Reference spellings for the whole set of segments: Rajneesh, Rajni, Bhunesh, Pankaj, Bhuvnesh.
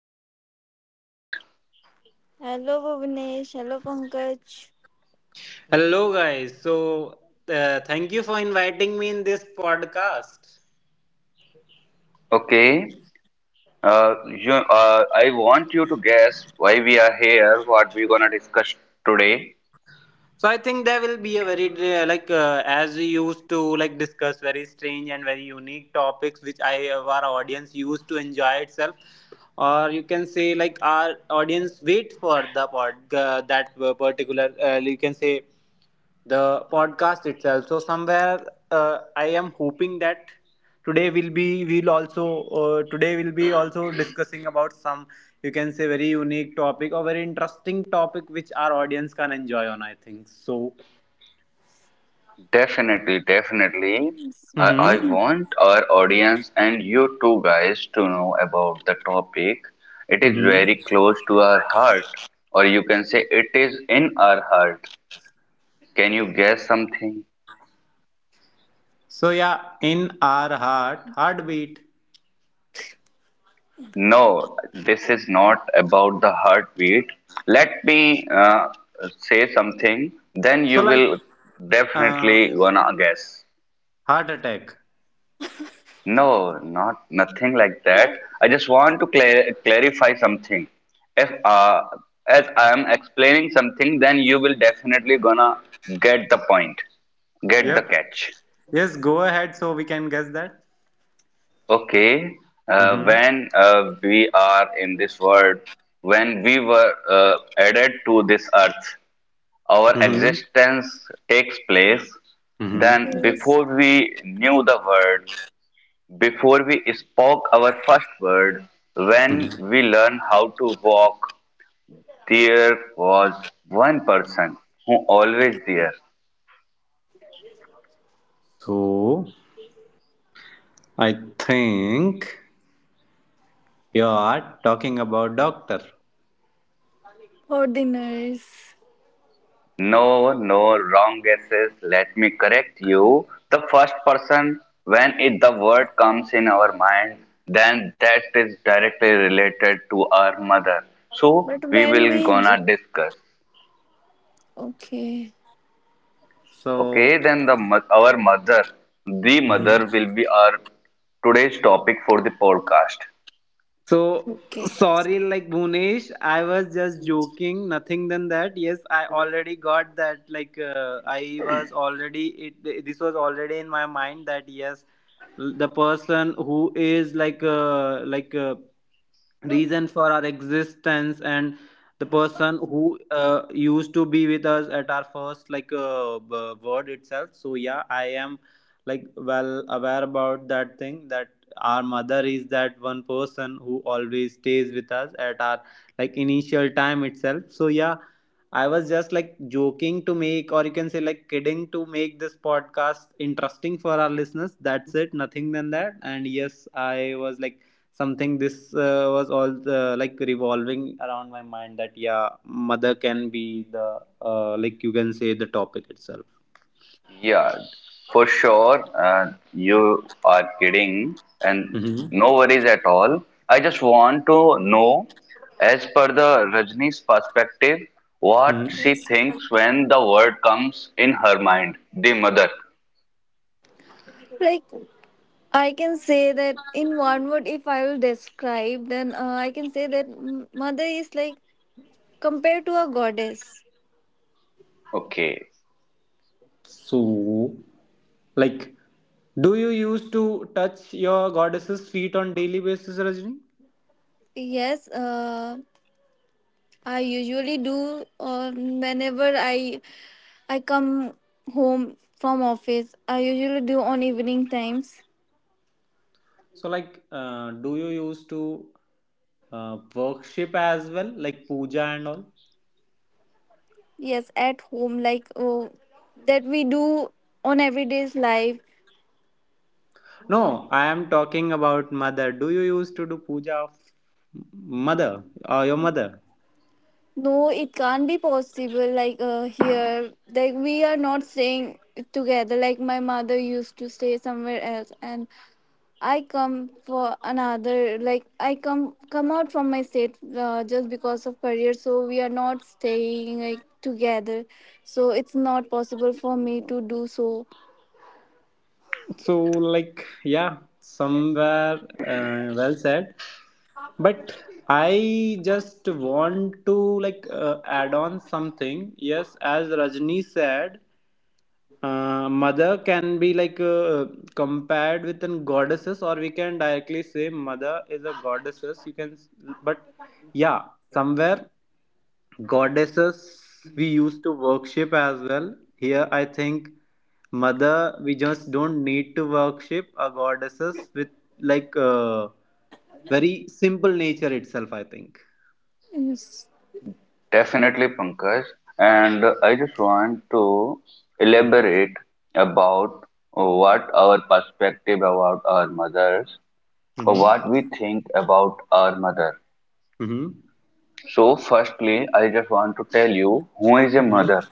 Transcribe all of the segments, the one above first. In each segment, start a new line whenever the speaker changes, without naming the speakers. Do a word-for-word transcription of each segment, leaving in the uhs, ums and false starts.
to another podcast.
Hello, Bhuvnesh. Hello, Pankaj.
Hello, guys. So, uh, thank you for inviting me in this podcast.
Okay, uh, you, uh, I want you to guess why we are here, what we're gonna discuss today.
So, I think there will be a very, uh, like, uh, as we used to, like, discuss very strange and very unique topics which I, uh, our audience used to enjoy itself. Or you can say, like, our audience wait for the pod, uh, that particular, uh, you can say, the podcast itself. So somewhere uh, I am hoping that today will be we'll also uh, today will be also discussing about some you can say very unique topic or very interesting topic which our audience can enjoy on. I think so.
Definitely, definitely. I,
Mm-hmm.
I want our audience and you two guys to know about the topic. It is
Mm-hmm.
very close to our heart, or you can say it is in our heart. Can you guess something?
So yeah, in our heart heartbeat.
No, this is not about the heartbeat. Let me uh, say something, then
So
you
like
will
uh,
definitely gonna guess.
heart attack.
No, not nothing like that. I just want to clar clarify something. If uh, As I am explaining something, then you will definitely gonna get the point,
We
get
are
the
Yep.
catch.
Yes. Go ahead so we can guess that.
Okay, uh,
Mm-hmm.
when uh, we are in this world, when we were uh, added to this earth, our
Mm-hmm.
existence takes place,
Mm-hmm.
then
friends
before we knew the word, before we spoke our first word,
Mm-hmm.
when we learned how to walk, there was one person who always there.
So I think you are talking about doctor.
for dinners.
No, no, wrong guesses. Let me correct you. The first person, when it, the word comes in our mind, then that is directly related to our mother. So
But
we
when
will
we.
gonna
J-
discuss.
Okay.
So,
Okay, then the mo- our mother, the
mhm.
mother will be our today's topic for the podcast.
So
Okay.
sorry, like Bhunesh, I was just joking, nothing than that. Yes, I already got that. Like uh, I was already it. This was already in my mind that yes, the person who is like uh, like uh, reason for our existence and the person who uh, used to be with us at our first like uh, b- word itself. So yeah, I am like well aware about that thing that our mother is that one person who always stays with us at our like initial time itself. So yeah, I was just like joking to make, or you can say like kidding, to make this podcast interesting for our listeners. That's it, nothing than that. And yes, I was like something. This uh, was all uh, like revolving around my mind that yeah, mother can be the uh, like you can say the topic itself.
Yeah, for sure. Uh, you are kidding, and
Mm-hmm.
no worries at all. I just want to know, as per the Rajni's perspective, what
Mm-hmm.
she thinks when the word comes in her mind, the mother.
Like, I can say that in one word, if I will describe, then uh, I can say that m- mother is like compared to a goddess.
Okay.
So, like, do you used to touch your goddess's feet on daily basis, Rajni?
Yes, uh, I usually do uh, whenever I I come home from office. I usually do on evening times.
So, like, uh, do you used to uh, worship as well, like puja and all?
Yes, at home, like oh, that we do on everyday's life.
No, I am talking about mother. Do you used to do puja of mother or your mother?
No, it can't be possible. Like uh, here, like we are not staying together. Like my mother used to stay somewhere else, and I come for another. Like I come come out from my state uh, just because of career. So we are not staying like together. So it's not possible for me to do so.
So, like, yeah, somewhere uh, well said. But I just want to like uh, add on something. Yes, as Rajni said, uh, mother can be like uh, compared with an goddesses, or we can directly say mother is a goddesses, you can. But yeah, somewhere goddesses we used to worship as well. Here I think mother, we just don't need to worship a goddesses with like uh, very simple nature itself, I think.
Yes.
Definitely, Pankaj. And I just want to
Mhm.
elaborate about what our perspective about our mothers or
Mhm.
what we think about our mother.
Mhm.
So, firstly, I just want to tell you who is a
Mhm.
mother.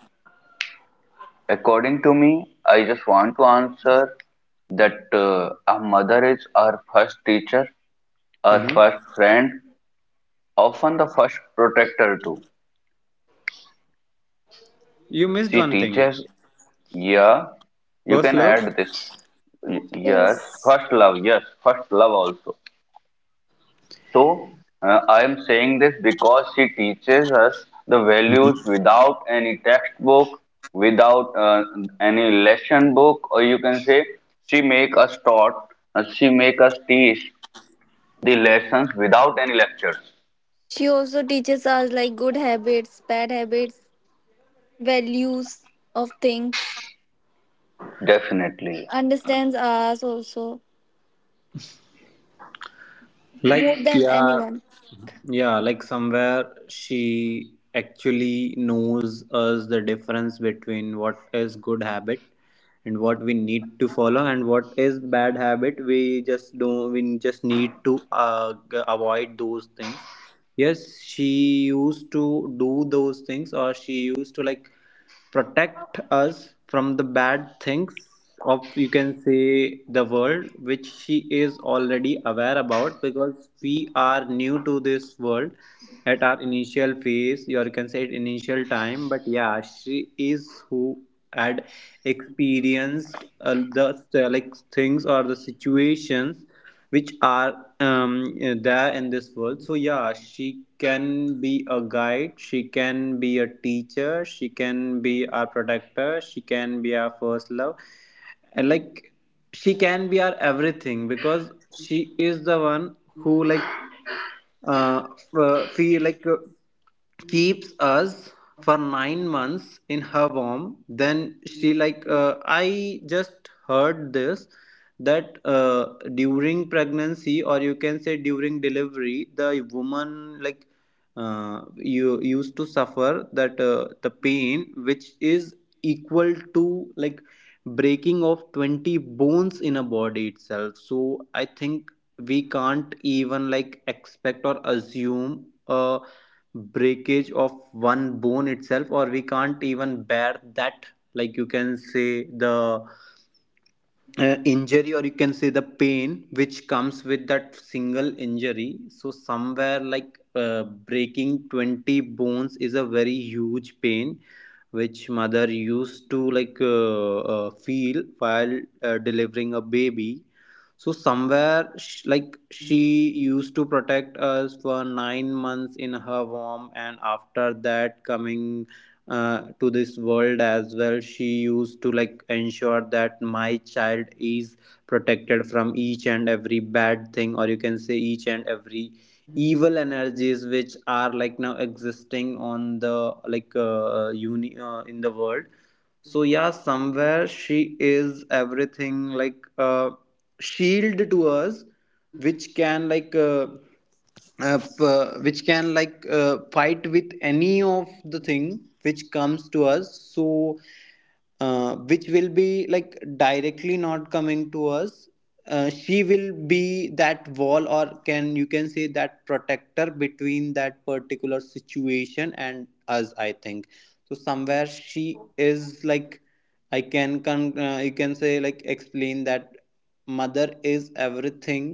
According to me, I just want to answer that uh, a mother is our first teacher, our
Mhm.
first friend, often the first protector too.
You missed
She
one thing.
teaches. Yeah, you
First
can
love.
add this. Y- Yes,
Yes.
first love. Yes, first love also. So, uh, I am saying this because she teaches us the values
Mhm.
without any textbook, without uh, any lesson book, or you can say she make us taught, uh, she make us teach the lessons without any lectures.
She also teaches us like good habits, bad habits, values of things,
Definitely.
understands us also more
Like
than
yeah,
anyone.
yeah. Like somewhere she actually knows us the difference between what is good habit and what we need to follow and what is bad habit. We just don't. We just need to uh, g- avoid those things. Yes, she used to do those things, or she used to like protect us from the bad things of, you can say, the world, which she is already aware about because we are new to this world at our initial phase, or you can say at initial time. But yeah, she is who had experienced uh, the uh, like things or the situations which are um, there in this world. So yeah, she can be a guide, she can be a teacher, she can be our protector, she can be our first love, and like she can be our everything because she is the one who like uh, f- feel like uh, keeps us for nine months in her womb. Then she like uh, I just heard this that uh, during pregnancy, or you can say during delivery, the woman like uh, you used to suffer that uh, the pain which is equal to like breaking of twenty bones in a body itself. So I think we can't even like expect or assume a breakage of one bone itself, or we can't even bear that, like you can say the uh, injury, or you can say the pain which comes with that single injury. So somewhere like uh, breaking twenty bones is a very huge pain which mother used to like uh, uh, feel while uh, delivering a baby. So somewhere sh- like she used to protect us for nine months in her womb, and after that, coming uh, to this world as well, she used to like ensure that my child is protected from each and every bad thing, or you can say each and every evil energies which are like now existing on the like uh, uni- uh, in the world. So yeah, somewhere she is everything, like uh, shield to us which can like uh, uh, p- uh, which can like uh, fight with any of the thing which comes to us. So uh, which will be like directly not coming to us. Uh, she will be that wall, or can you can say that protector between that particular situation and us, I think. So somewhere she is like, I can con- uh, you can say like explain that mother is everything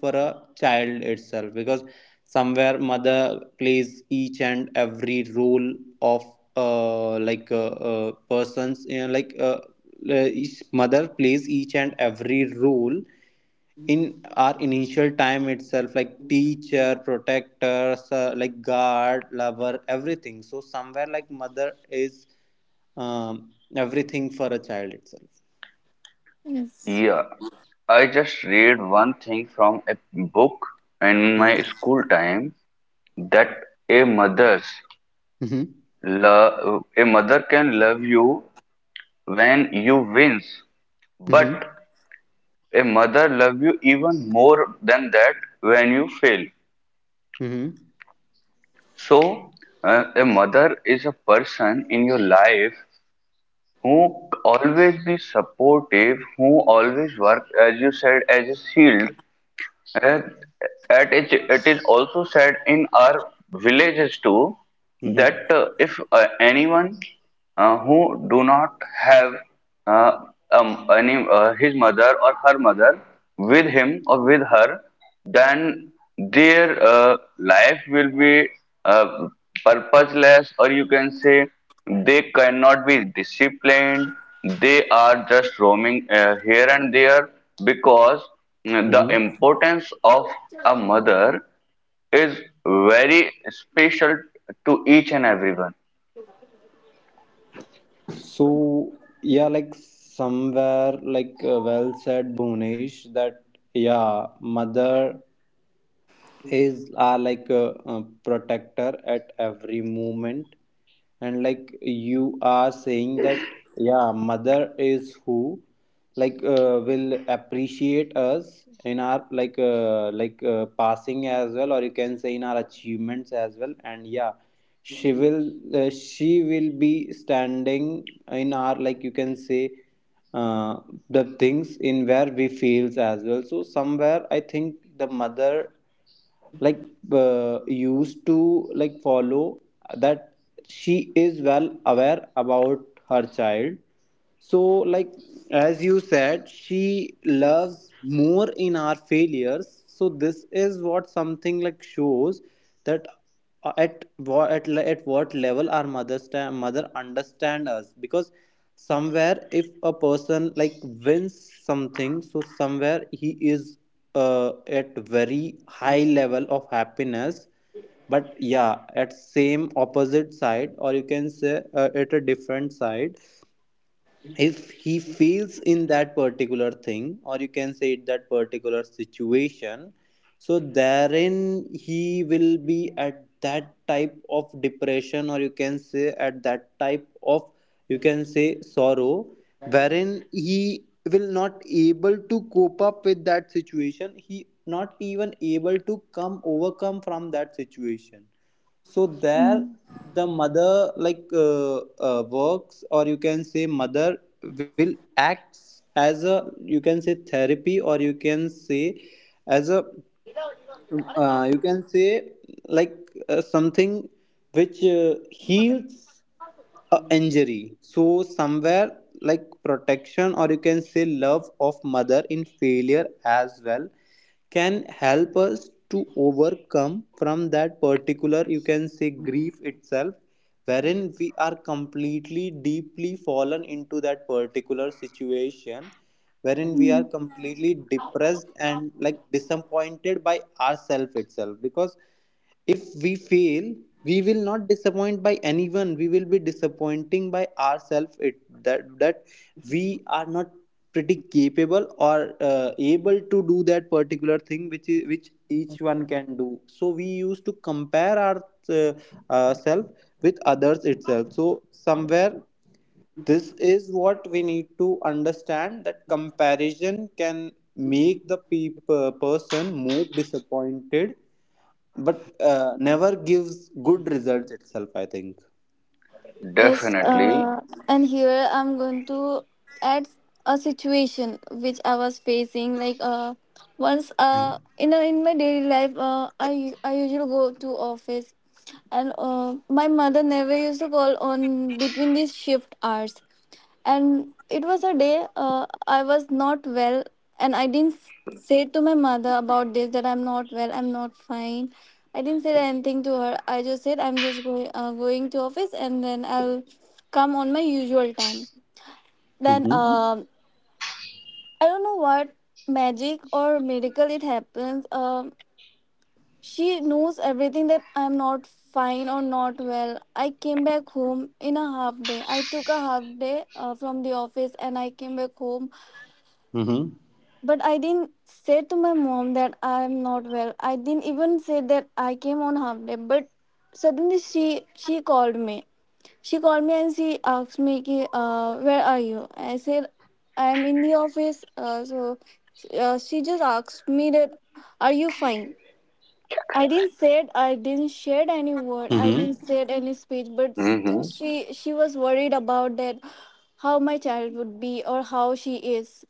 for a child itself because somewhere mother plays each and every role of uh, like uh, uh, persons, you know, like uh, uh, each mother plays each and every role in our initial time itself, like teacher, protectors, uh, like guard, lover, everything. So somewhere like mother is um, everything for a child itself.
Yes.
Yeah. I just read one thing from a book in my
Mhm.
school time, that a mother's
Mhm.
love, a mother can love you when you wins, but
Mhm.
a mother love you even more than that when you fail.
Mhm.
So uh, a mother is a person in your life who always be supportive, who always work as you said as a shield. Uh, at it, it is also said in our villages too that
Mhm.
uh, if uh, anyone uh, who do not have uh, um, any uh, his mother or her mother with him or with her, then their uh, life will be uh, purposeless, or you can say they cannot be disciplined. They are just roaming uh, here and there because mm, the
Mhm.
importance of a mother is very special to each and everyone.
So yeah, like somewhere like uh, well said, Bhunesh, that yeah, mother is are like a, a protector at every moment. And like you are saying that yeah, mother is who like uh, will appreciate us in our like uh, like uh, passing as well, or you can say in our achievements as well. And yeah, she will uh, she will be standing in our like you can say uh, the things in where we fails as well. So somewhere I think the mother like uh, used to like follow that she is well aware about her child. So like, as you said, she loves more in our failures. So this is what something like shows that uh, at what at, le- at what level our mother sta- mother understand us. Because somewhere if a person like wins something, so somewhere he is uh, at very high level of happiness. But yeah, at same opposite side, or you can say uh, at a different side, if he fails in that particular thing, or you can say it that particular situation, so therein he will be at that type of depression, or you can say at that type of, you can say, sorrow wherein he will not able to cope up with that situation. He not even able to come overcome from that situation. So there the mother like uh, uh, works, or you can say mother will act as a, you can say, therapy, or you can say as a uh, you can say like uh, something which uh, heals a injury. So somewhere like protection, or you can say love of mother in failure as well, can help us to overcome from that particular, you can say, grief itself wherein we are completely deeply fallen into that particular situation wherein we are completely depressed and like disappointed by ourself itself. Because if we fail, we will not disappoint by anyone. We will be disappointing by ourselves. It that that we are not pretty capable or uh, able to do that particular thing which is, which each one can do. So we used to compare our uh, uh, self with others itself. So somewhere this is what we need to understand that comparison can make the peop- uh, person more disappointed, but uh, never gives good results itself, I think.
Yes.
Definitely.
Uh, and here I'm going to add a situation which I was facing. Like uh, once uh, in a, in my daily life, uh, I I usually go to office, and uh, my mother never used to call on between these shift hours. And it was a day uh, I was not well, and I didn't s- say to my mother about this, that I'm not well, I'm not fine. I didn't say anything to her. I just said I'm just going, uh, going to office, and then I'll come on my usual time. Then
Mm-hmm.
um I don't know what magic or miracle it happens. Um she knows everything that I'm not fine or not well. I came back home in a half day. I took a half day uh, from the office, and I came back home.
Mm-hmm.
But I didn't say to my mom that I'm not well. I didn't even say that I came on half day. But suddenly she she called me. She called me and she asked me, ki, uh, where are you? I said, I'm in the office. Uh, so uh, she just asked me that, are you fine? I didn't said, I didn't share any word. I
Mm-hmm.
didn't said any speech. But still
hmm
she she was worried about that, how my child would be or how she is.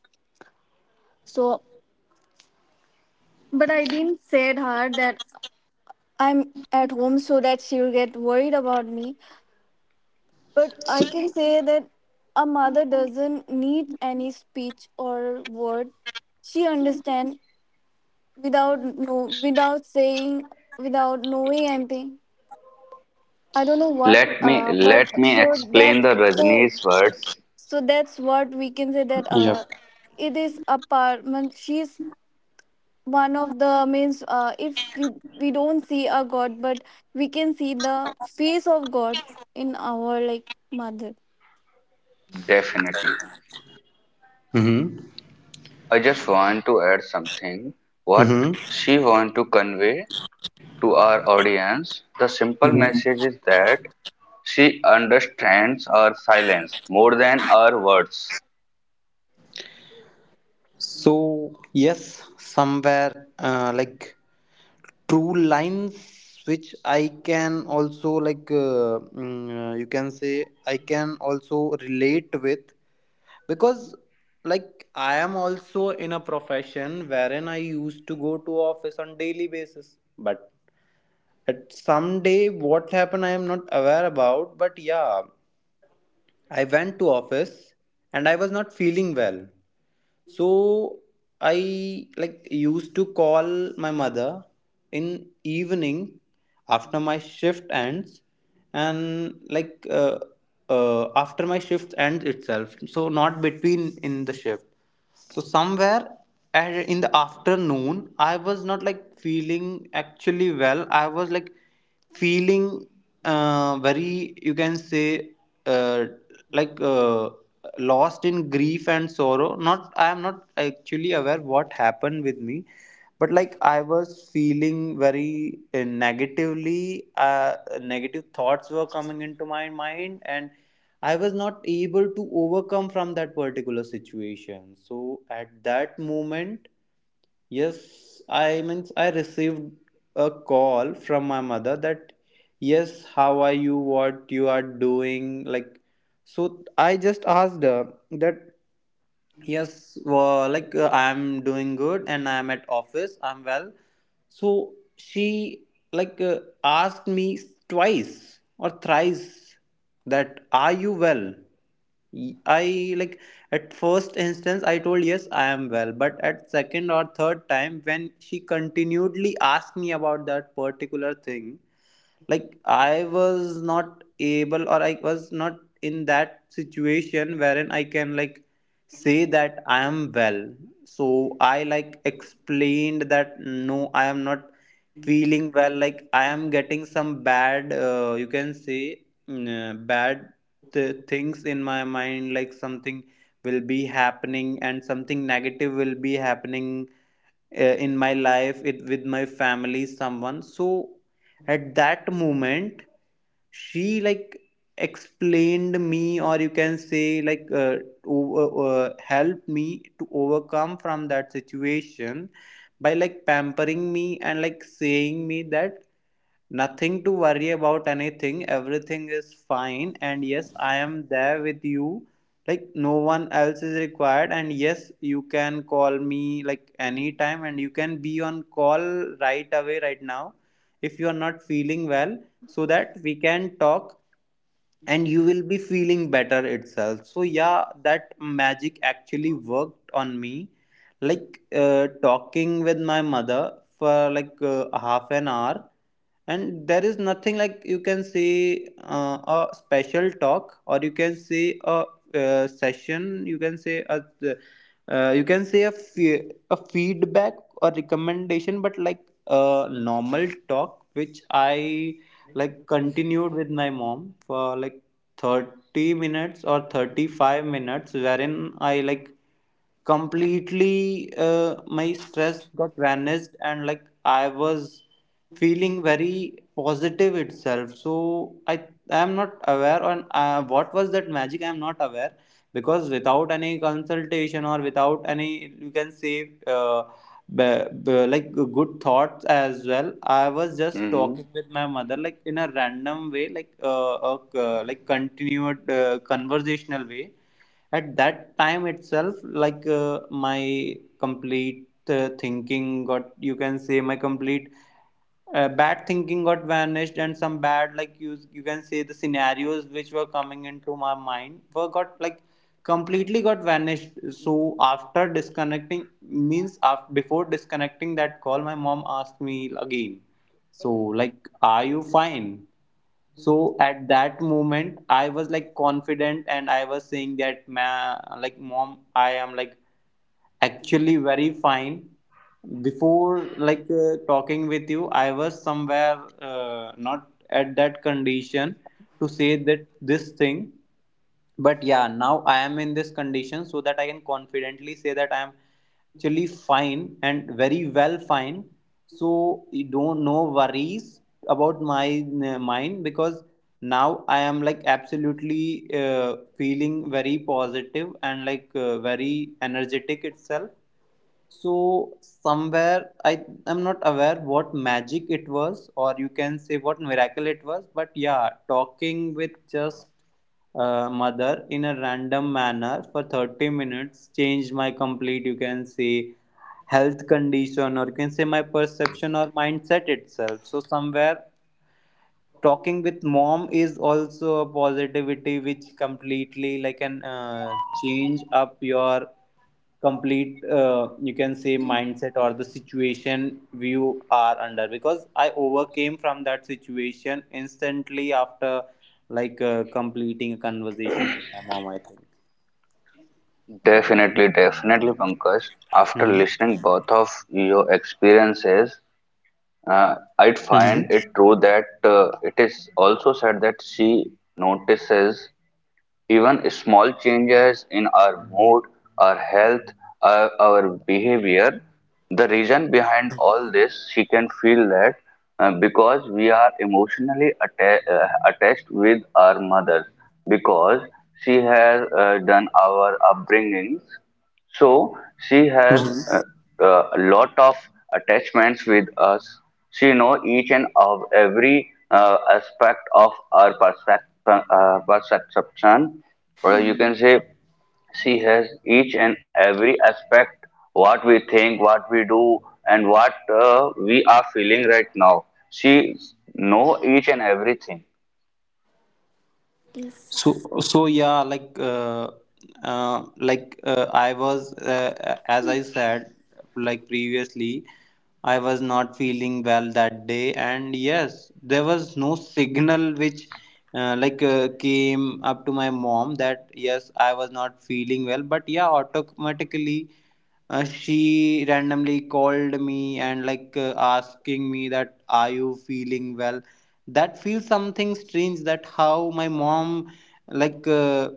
So, but I didn't say her that I'm at home, so that she'll get worried about me. But I
So,
can say that a mother doesn't need any speech or word. She understand without, no, without saying, without knowing anything. I don't know what
Let me
uh
let
but,
me
so
explain
that,
the
so
Rajneesh words.
so that's what we can say, that
yep.
uh it is a part. Man, she's one of the means. Uh, if we we don't see a god, but we can see the face of god in our like mother.
Definitely.
Mm-hmm.
I just want to add something. What
Mm-hmm.
she want to convey to our audience, the simple
Mm-hmm.
message is that she understands our silence more than our words.
So, yes, somewhere uh, like true lines which I can also like uh, mm, uh, you can say I can also relate with because like I am also in a profession wherein I used to go to office on daily basis. But at some day, what happened, I am not aware about. But yeah, I went to office, and I was not feeling well. So I like used to call my mother in evening after my shift ends. And like uh, uh, after my shift ends itself. So not between in the shift. So somewhere at- in the afternoon, I was not like feeling actually well. I was like feeling uh, very you can say uh, like uh, lost in grief and sorrow. Not, I am not actually aware what happened with me. But like I was feeling very uh, negatively uh, negative thoughts were coming into my mind, and I was not able to overcome from that particular situation. So at that moment, yes, I means I received a call from my mother that yes, how are you? What you are doing? Like, so I just asked her that yes, well, like uh, I'm doing good and I'm at office. I'm well. So she like uh, asked me twice or thrice, that "are you well?" Y- I, like at first instance, I told, "Yes, I am well," but at second or third time when she continually asked me about that particular thing, like I was not able, or I was not in that situation wherein I can, like say that I am well. So I, like explained that no, I am not feeling well, like I am getting some bad, uh, you can say, mm, uh, bad th- things in my mind, like something will be happening and something negative will be happening, uh, in my life, it, with my family, someone. So at that moment she, like explained me, or you can say, like uh, over, uh, helped me to overcome from that situation by like pampering me and like saying me that nothing to worry about anything. Everything is fine. And yes, I am there with you. Like, no one else is required. And yes, you can call me like anytime and you can be on call right away, right now, if you are not feeling well, so that we can talk and you will be feeling better itself. So yeah, that magic actually worked on me, like uh, talking with my mother for like uh, half an hour. And there is nothing like, you can say, uh, a special talk, or you can say a uh, session, you can say a uh, you can say a, fe- a feedback or recommendation, but like a normal talk which I like continued with my mom for like thirty minutes or thirty-five minutes, wherein I, like completely, uh, my stress got vanished, and like I was feeling very positive itself. So I I am not aware on, uh, what was that magic. I am not aware, because without any consultation or without any, you can say, uh, but, but like good thoughts as well, I was just talking with my
hmm
mother like in a random way, like uh, a c- like continued, uh, conversational way. At that time itself, like uh, my complete, uh, thinking got, you can say, my complete, uh, bad thinking got vanished, and some bad, like, you you can say, the scenarios which were coming into my mind were got like completely got vanished. So after disconnecting, means after, before disconnecting that call, my mom asked me again, so like, "Are you fine?" So at that moment I was like confident, and I was saying that, "Ma, like mom, I am like actually very fine. Before like uh, talking with you, I was somewhere, uh, not at that condition to say that this thing. But yeah, now I am in this condition so that I can confidently say that I am actually fine and very well fine. So you don't, no worries about my, uh, mind, because now I am like absolutely, uh, feeling very positive and like uh, very energetic itself." So somewhere I am not aware what magic it was, or you can say what miracle it was. But yeah, talking with just, uh, mother in a random manner for thirty minutes changed my complete, you can say, health condition, or you can say my perception or mindset itself. So somewhere talking with mom is also a positivity which completely like can, uh, change up your complete, uh, you can say mindset or the situation you are under, because I overcame from that situation instantly after like uh, completing a conversation with my mom, I think.
Definitely, definitely, Pankaj. After
Mm-hmm.
listening both of your experiences, Uh, I'd find
Mm-hmm.
it true that uh, it is also said that she notices even small changes in our mood, our health, our, our behavior. The reason behind all this, she can feel that uh, because we are emotionally atta- uh, attached with our mothers, because she has uh, done our upbringings, so she has uh, uh, a lot of attachments with us. She know each and of every uh, aspect of our perspective, uh, perception, or you can say she has each and every aspect what we think, what we do, and what uh, we are feeling right now. She know each and everything.
So,
Yes.
so yeah, like, uh, uh, like uh, I was, uh, uh, as I said, like previously, I was not feeling well that day, and yes, there was no signal which, uh, like, uh, came up to my mom that yes, I was not feeling well. But yeah, automatically, uh, she randomly called me and like uh, asking me that, "Are you feeling well?" That feels something strange. That how my mom, like uh,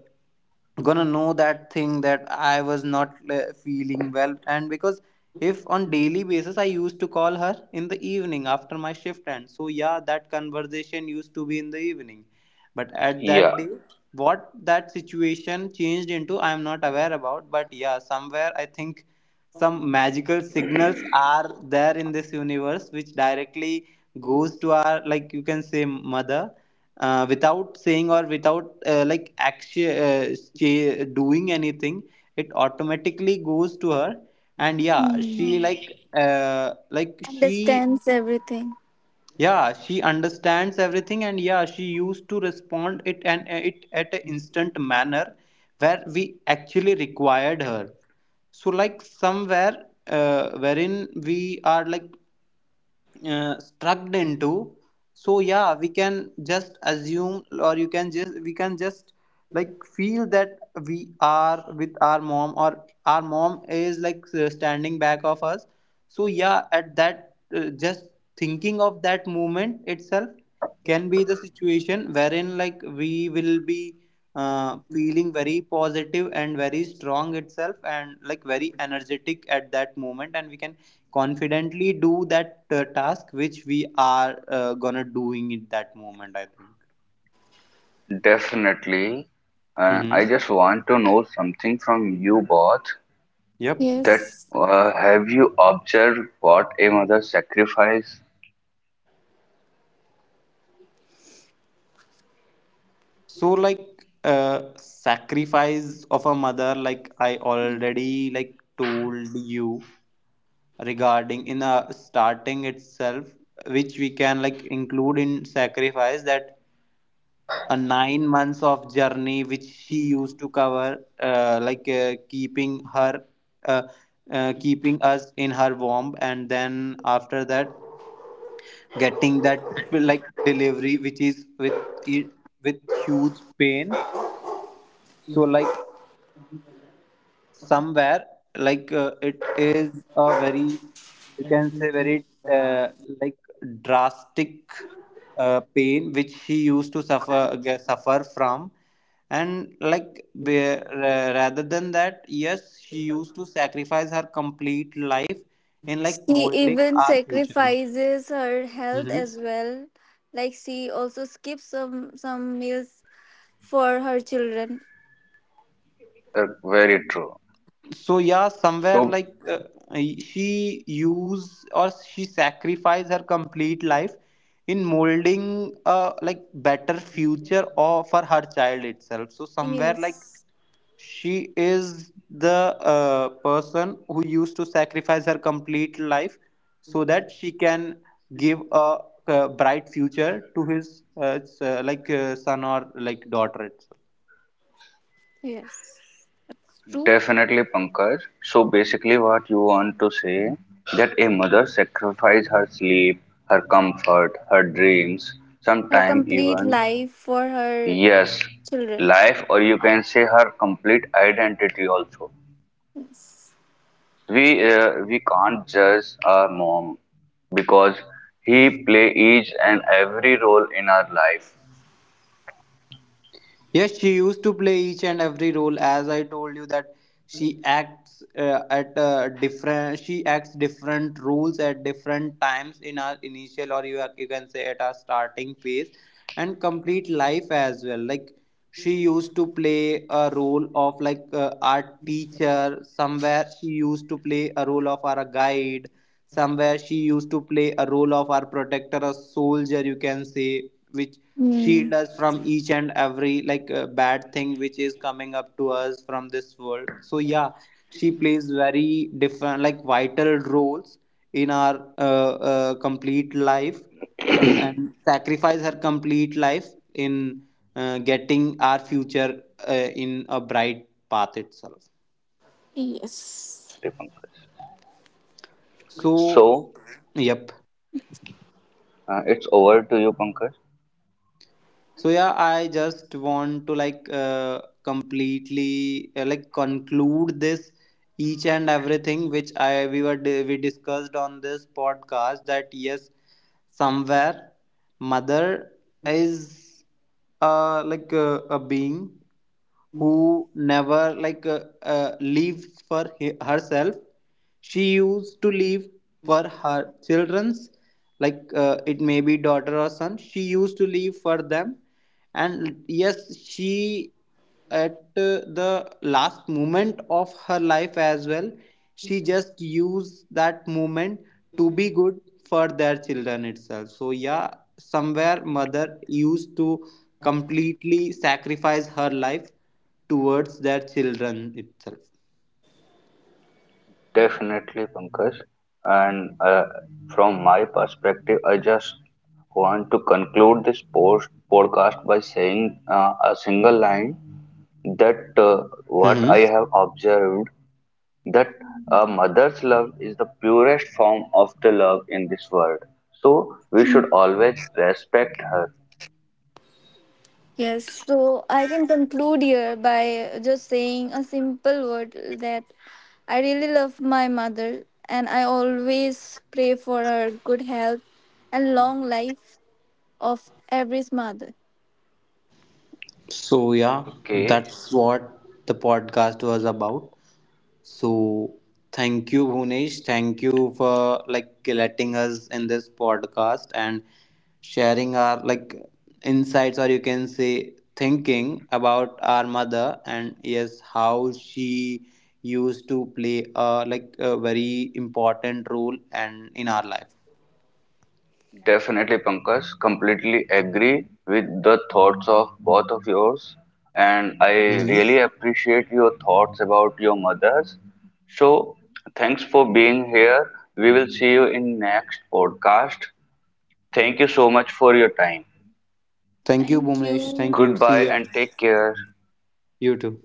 gonna know that thing, that I was not, uh, feeling well. And because if on daily basis I used to call her in the evening after my shift end, so yeah, that conversation used to be in the evening, but at
Yeah,
that day, what that situation changed into, I am not aware about. But yeah, somewhere I think some magical signals are there in this universe which directly goes to our, like, you can say, mother, uh, without saying or without, uh, like action uh, cha- doing anything, it automatically goes to her. And yeah,
Hmm.
she, Hmm, like uh, like she,
Understands everything.
yeah, she understands everything, and yeah, she used to respond it and, uh, it at an instant manner where we actually required her. So like somewhere, uh, wherein we are like, uh, struck into, so yeah, we can just assume, or you can just, we can just, like, feel that we are with our mom, or our mom is like uh, standing back of us. So yeah, at that, uh, just thinking of that moment itself can be the situation wherein like we will be, uh, feeling very positive and very strong itself, and like very energetic at that moment, and we can confidently do that, uh, task which we are, uh, gonna doing in that moment, I think.
definitely. uh,
Mm-hmm.
I just want to know something from you both.
Yep.
That
Yes,
uh, have you observed what a mother sacrifice?
So like uh, sacrifice of a mother, like I already like told you, regarding in a starting itself, which we can like include in sacrifice, that a nine months of journey which she used to cover, uh, like uh, keeping her, uh, uh, keeping us in her womb, and then after that getting that like delivery which is with, with huge pain. So like somewhere, like uh, it is a very, you can say, very, uh, like drastic, uh, pain which he used to suffer, g- suffer from. And like be, ra- rather than that, yes, she used to sacrifice her complete life in like
she
molding
even
our future.
sacrifices her health
Mm-hmm.
as well. Like she also skips some some meals for her children.
Uh, very true.
So yeah, somewhere, like uh, she use, or she sacrifice her complete life in molding a like better future or for her child itself. So somewhere like
Yes.
she is the, uh, person who used to sacrifice her complete life so that she can give a, uh, bright future to his, uh, s- uh, like uh, son or like daughter.
Yes, that's true.
Definitely, Pankaj. So basically, what you want to say, that a mother sacrifices her sleep, her comfort, her dreams,
Her
sometimes
complete
even
life for her
yes,
children.
life, or you can say her complete identity also.
Yes.
We uh, we can't judge our mom because he play each and every role in our life.
Yes, she used to play each and every role. As I told you that she acts, uh, at uh, different. She acts different roles at different times in our initial, or you are, you can say, at our starting phase, and complete life as well. Like she used to play a role of like uh, our teacher somewhere. She used to play a role of our guide somewhere. She used to play a role of our protector, a soldier. You can say which
Hmm.
shield us from each and every like uh, bad thing which is coming up to us from this world. So yeah, she plays very different like vital roles in our, uh, uh, complete life, and sacrifice her complete life in, uh, getting our future, uh, in a bright path itself.
Yes.
Definitely, Pankaj.
So
So
yep.
uh, it's over to you, Pankaj.
So yeah, I just want to like uh, completely, uh, like conclude this, each and everything which I we were, di- we discussed on this podcast, that yes, somewhere mother is, uh, like uh, a being who never, like uh, uh, lives for he- herself. She used to live for her children's, like uh, it may be daughter or son, she used to live for them. And yes, she at, uh, the last moment of her life as well, she just used that moment to be good for their children itself. So yeah, somewhere mother used to completely sacrifice her life towards their children itself.
Definitely, Pankaj. And uh, from my perspective, I just want to conclude this post podcast by saying uh, a single line, that uh, what
Hmm.
I have observed, that a mother's love is the purest form of the love in this world. So we should
Mm.
always respect her.
Yes. So I can conclude here by just saying a simple word that I really love my mother, and I always pray for her good health and long life of every mother.
So yeah, that's
Okay.
what the podcast was about. So thank you, Bhunesh. Thank you for like letting us in this podcast and sharing our like insights, or you can say thinking about our mother, and yes, how she used to play a like a very important role and in our life.
Definitely, Pankaj, completely agree with the thoughts of both of yours, and I
Mhm.
really appreciate your thoughts about your mothers. So, thanks for being here. We will see you in next podcast. Thank you so much for your time.
Thank you,
Thank
Bhunesh.
you.
Thank you.
Goodbye
See ya.
and take care.
You too.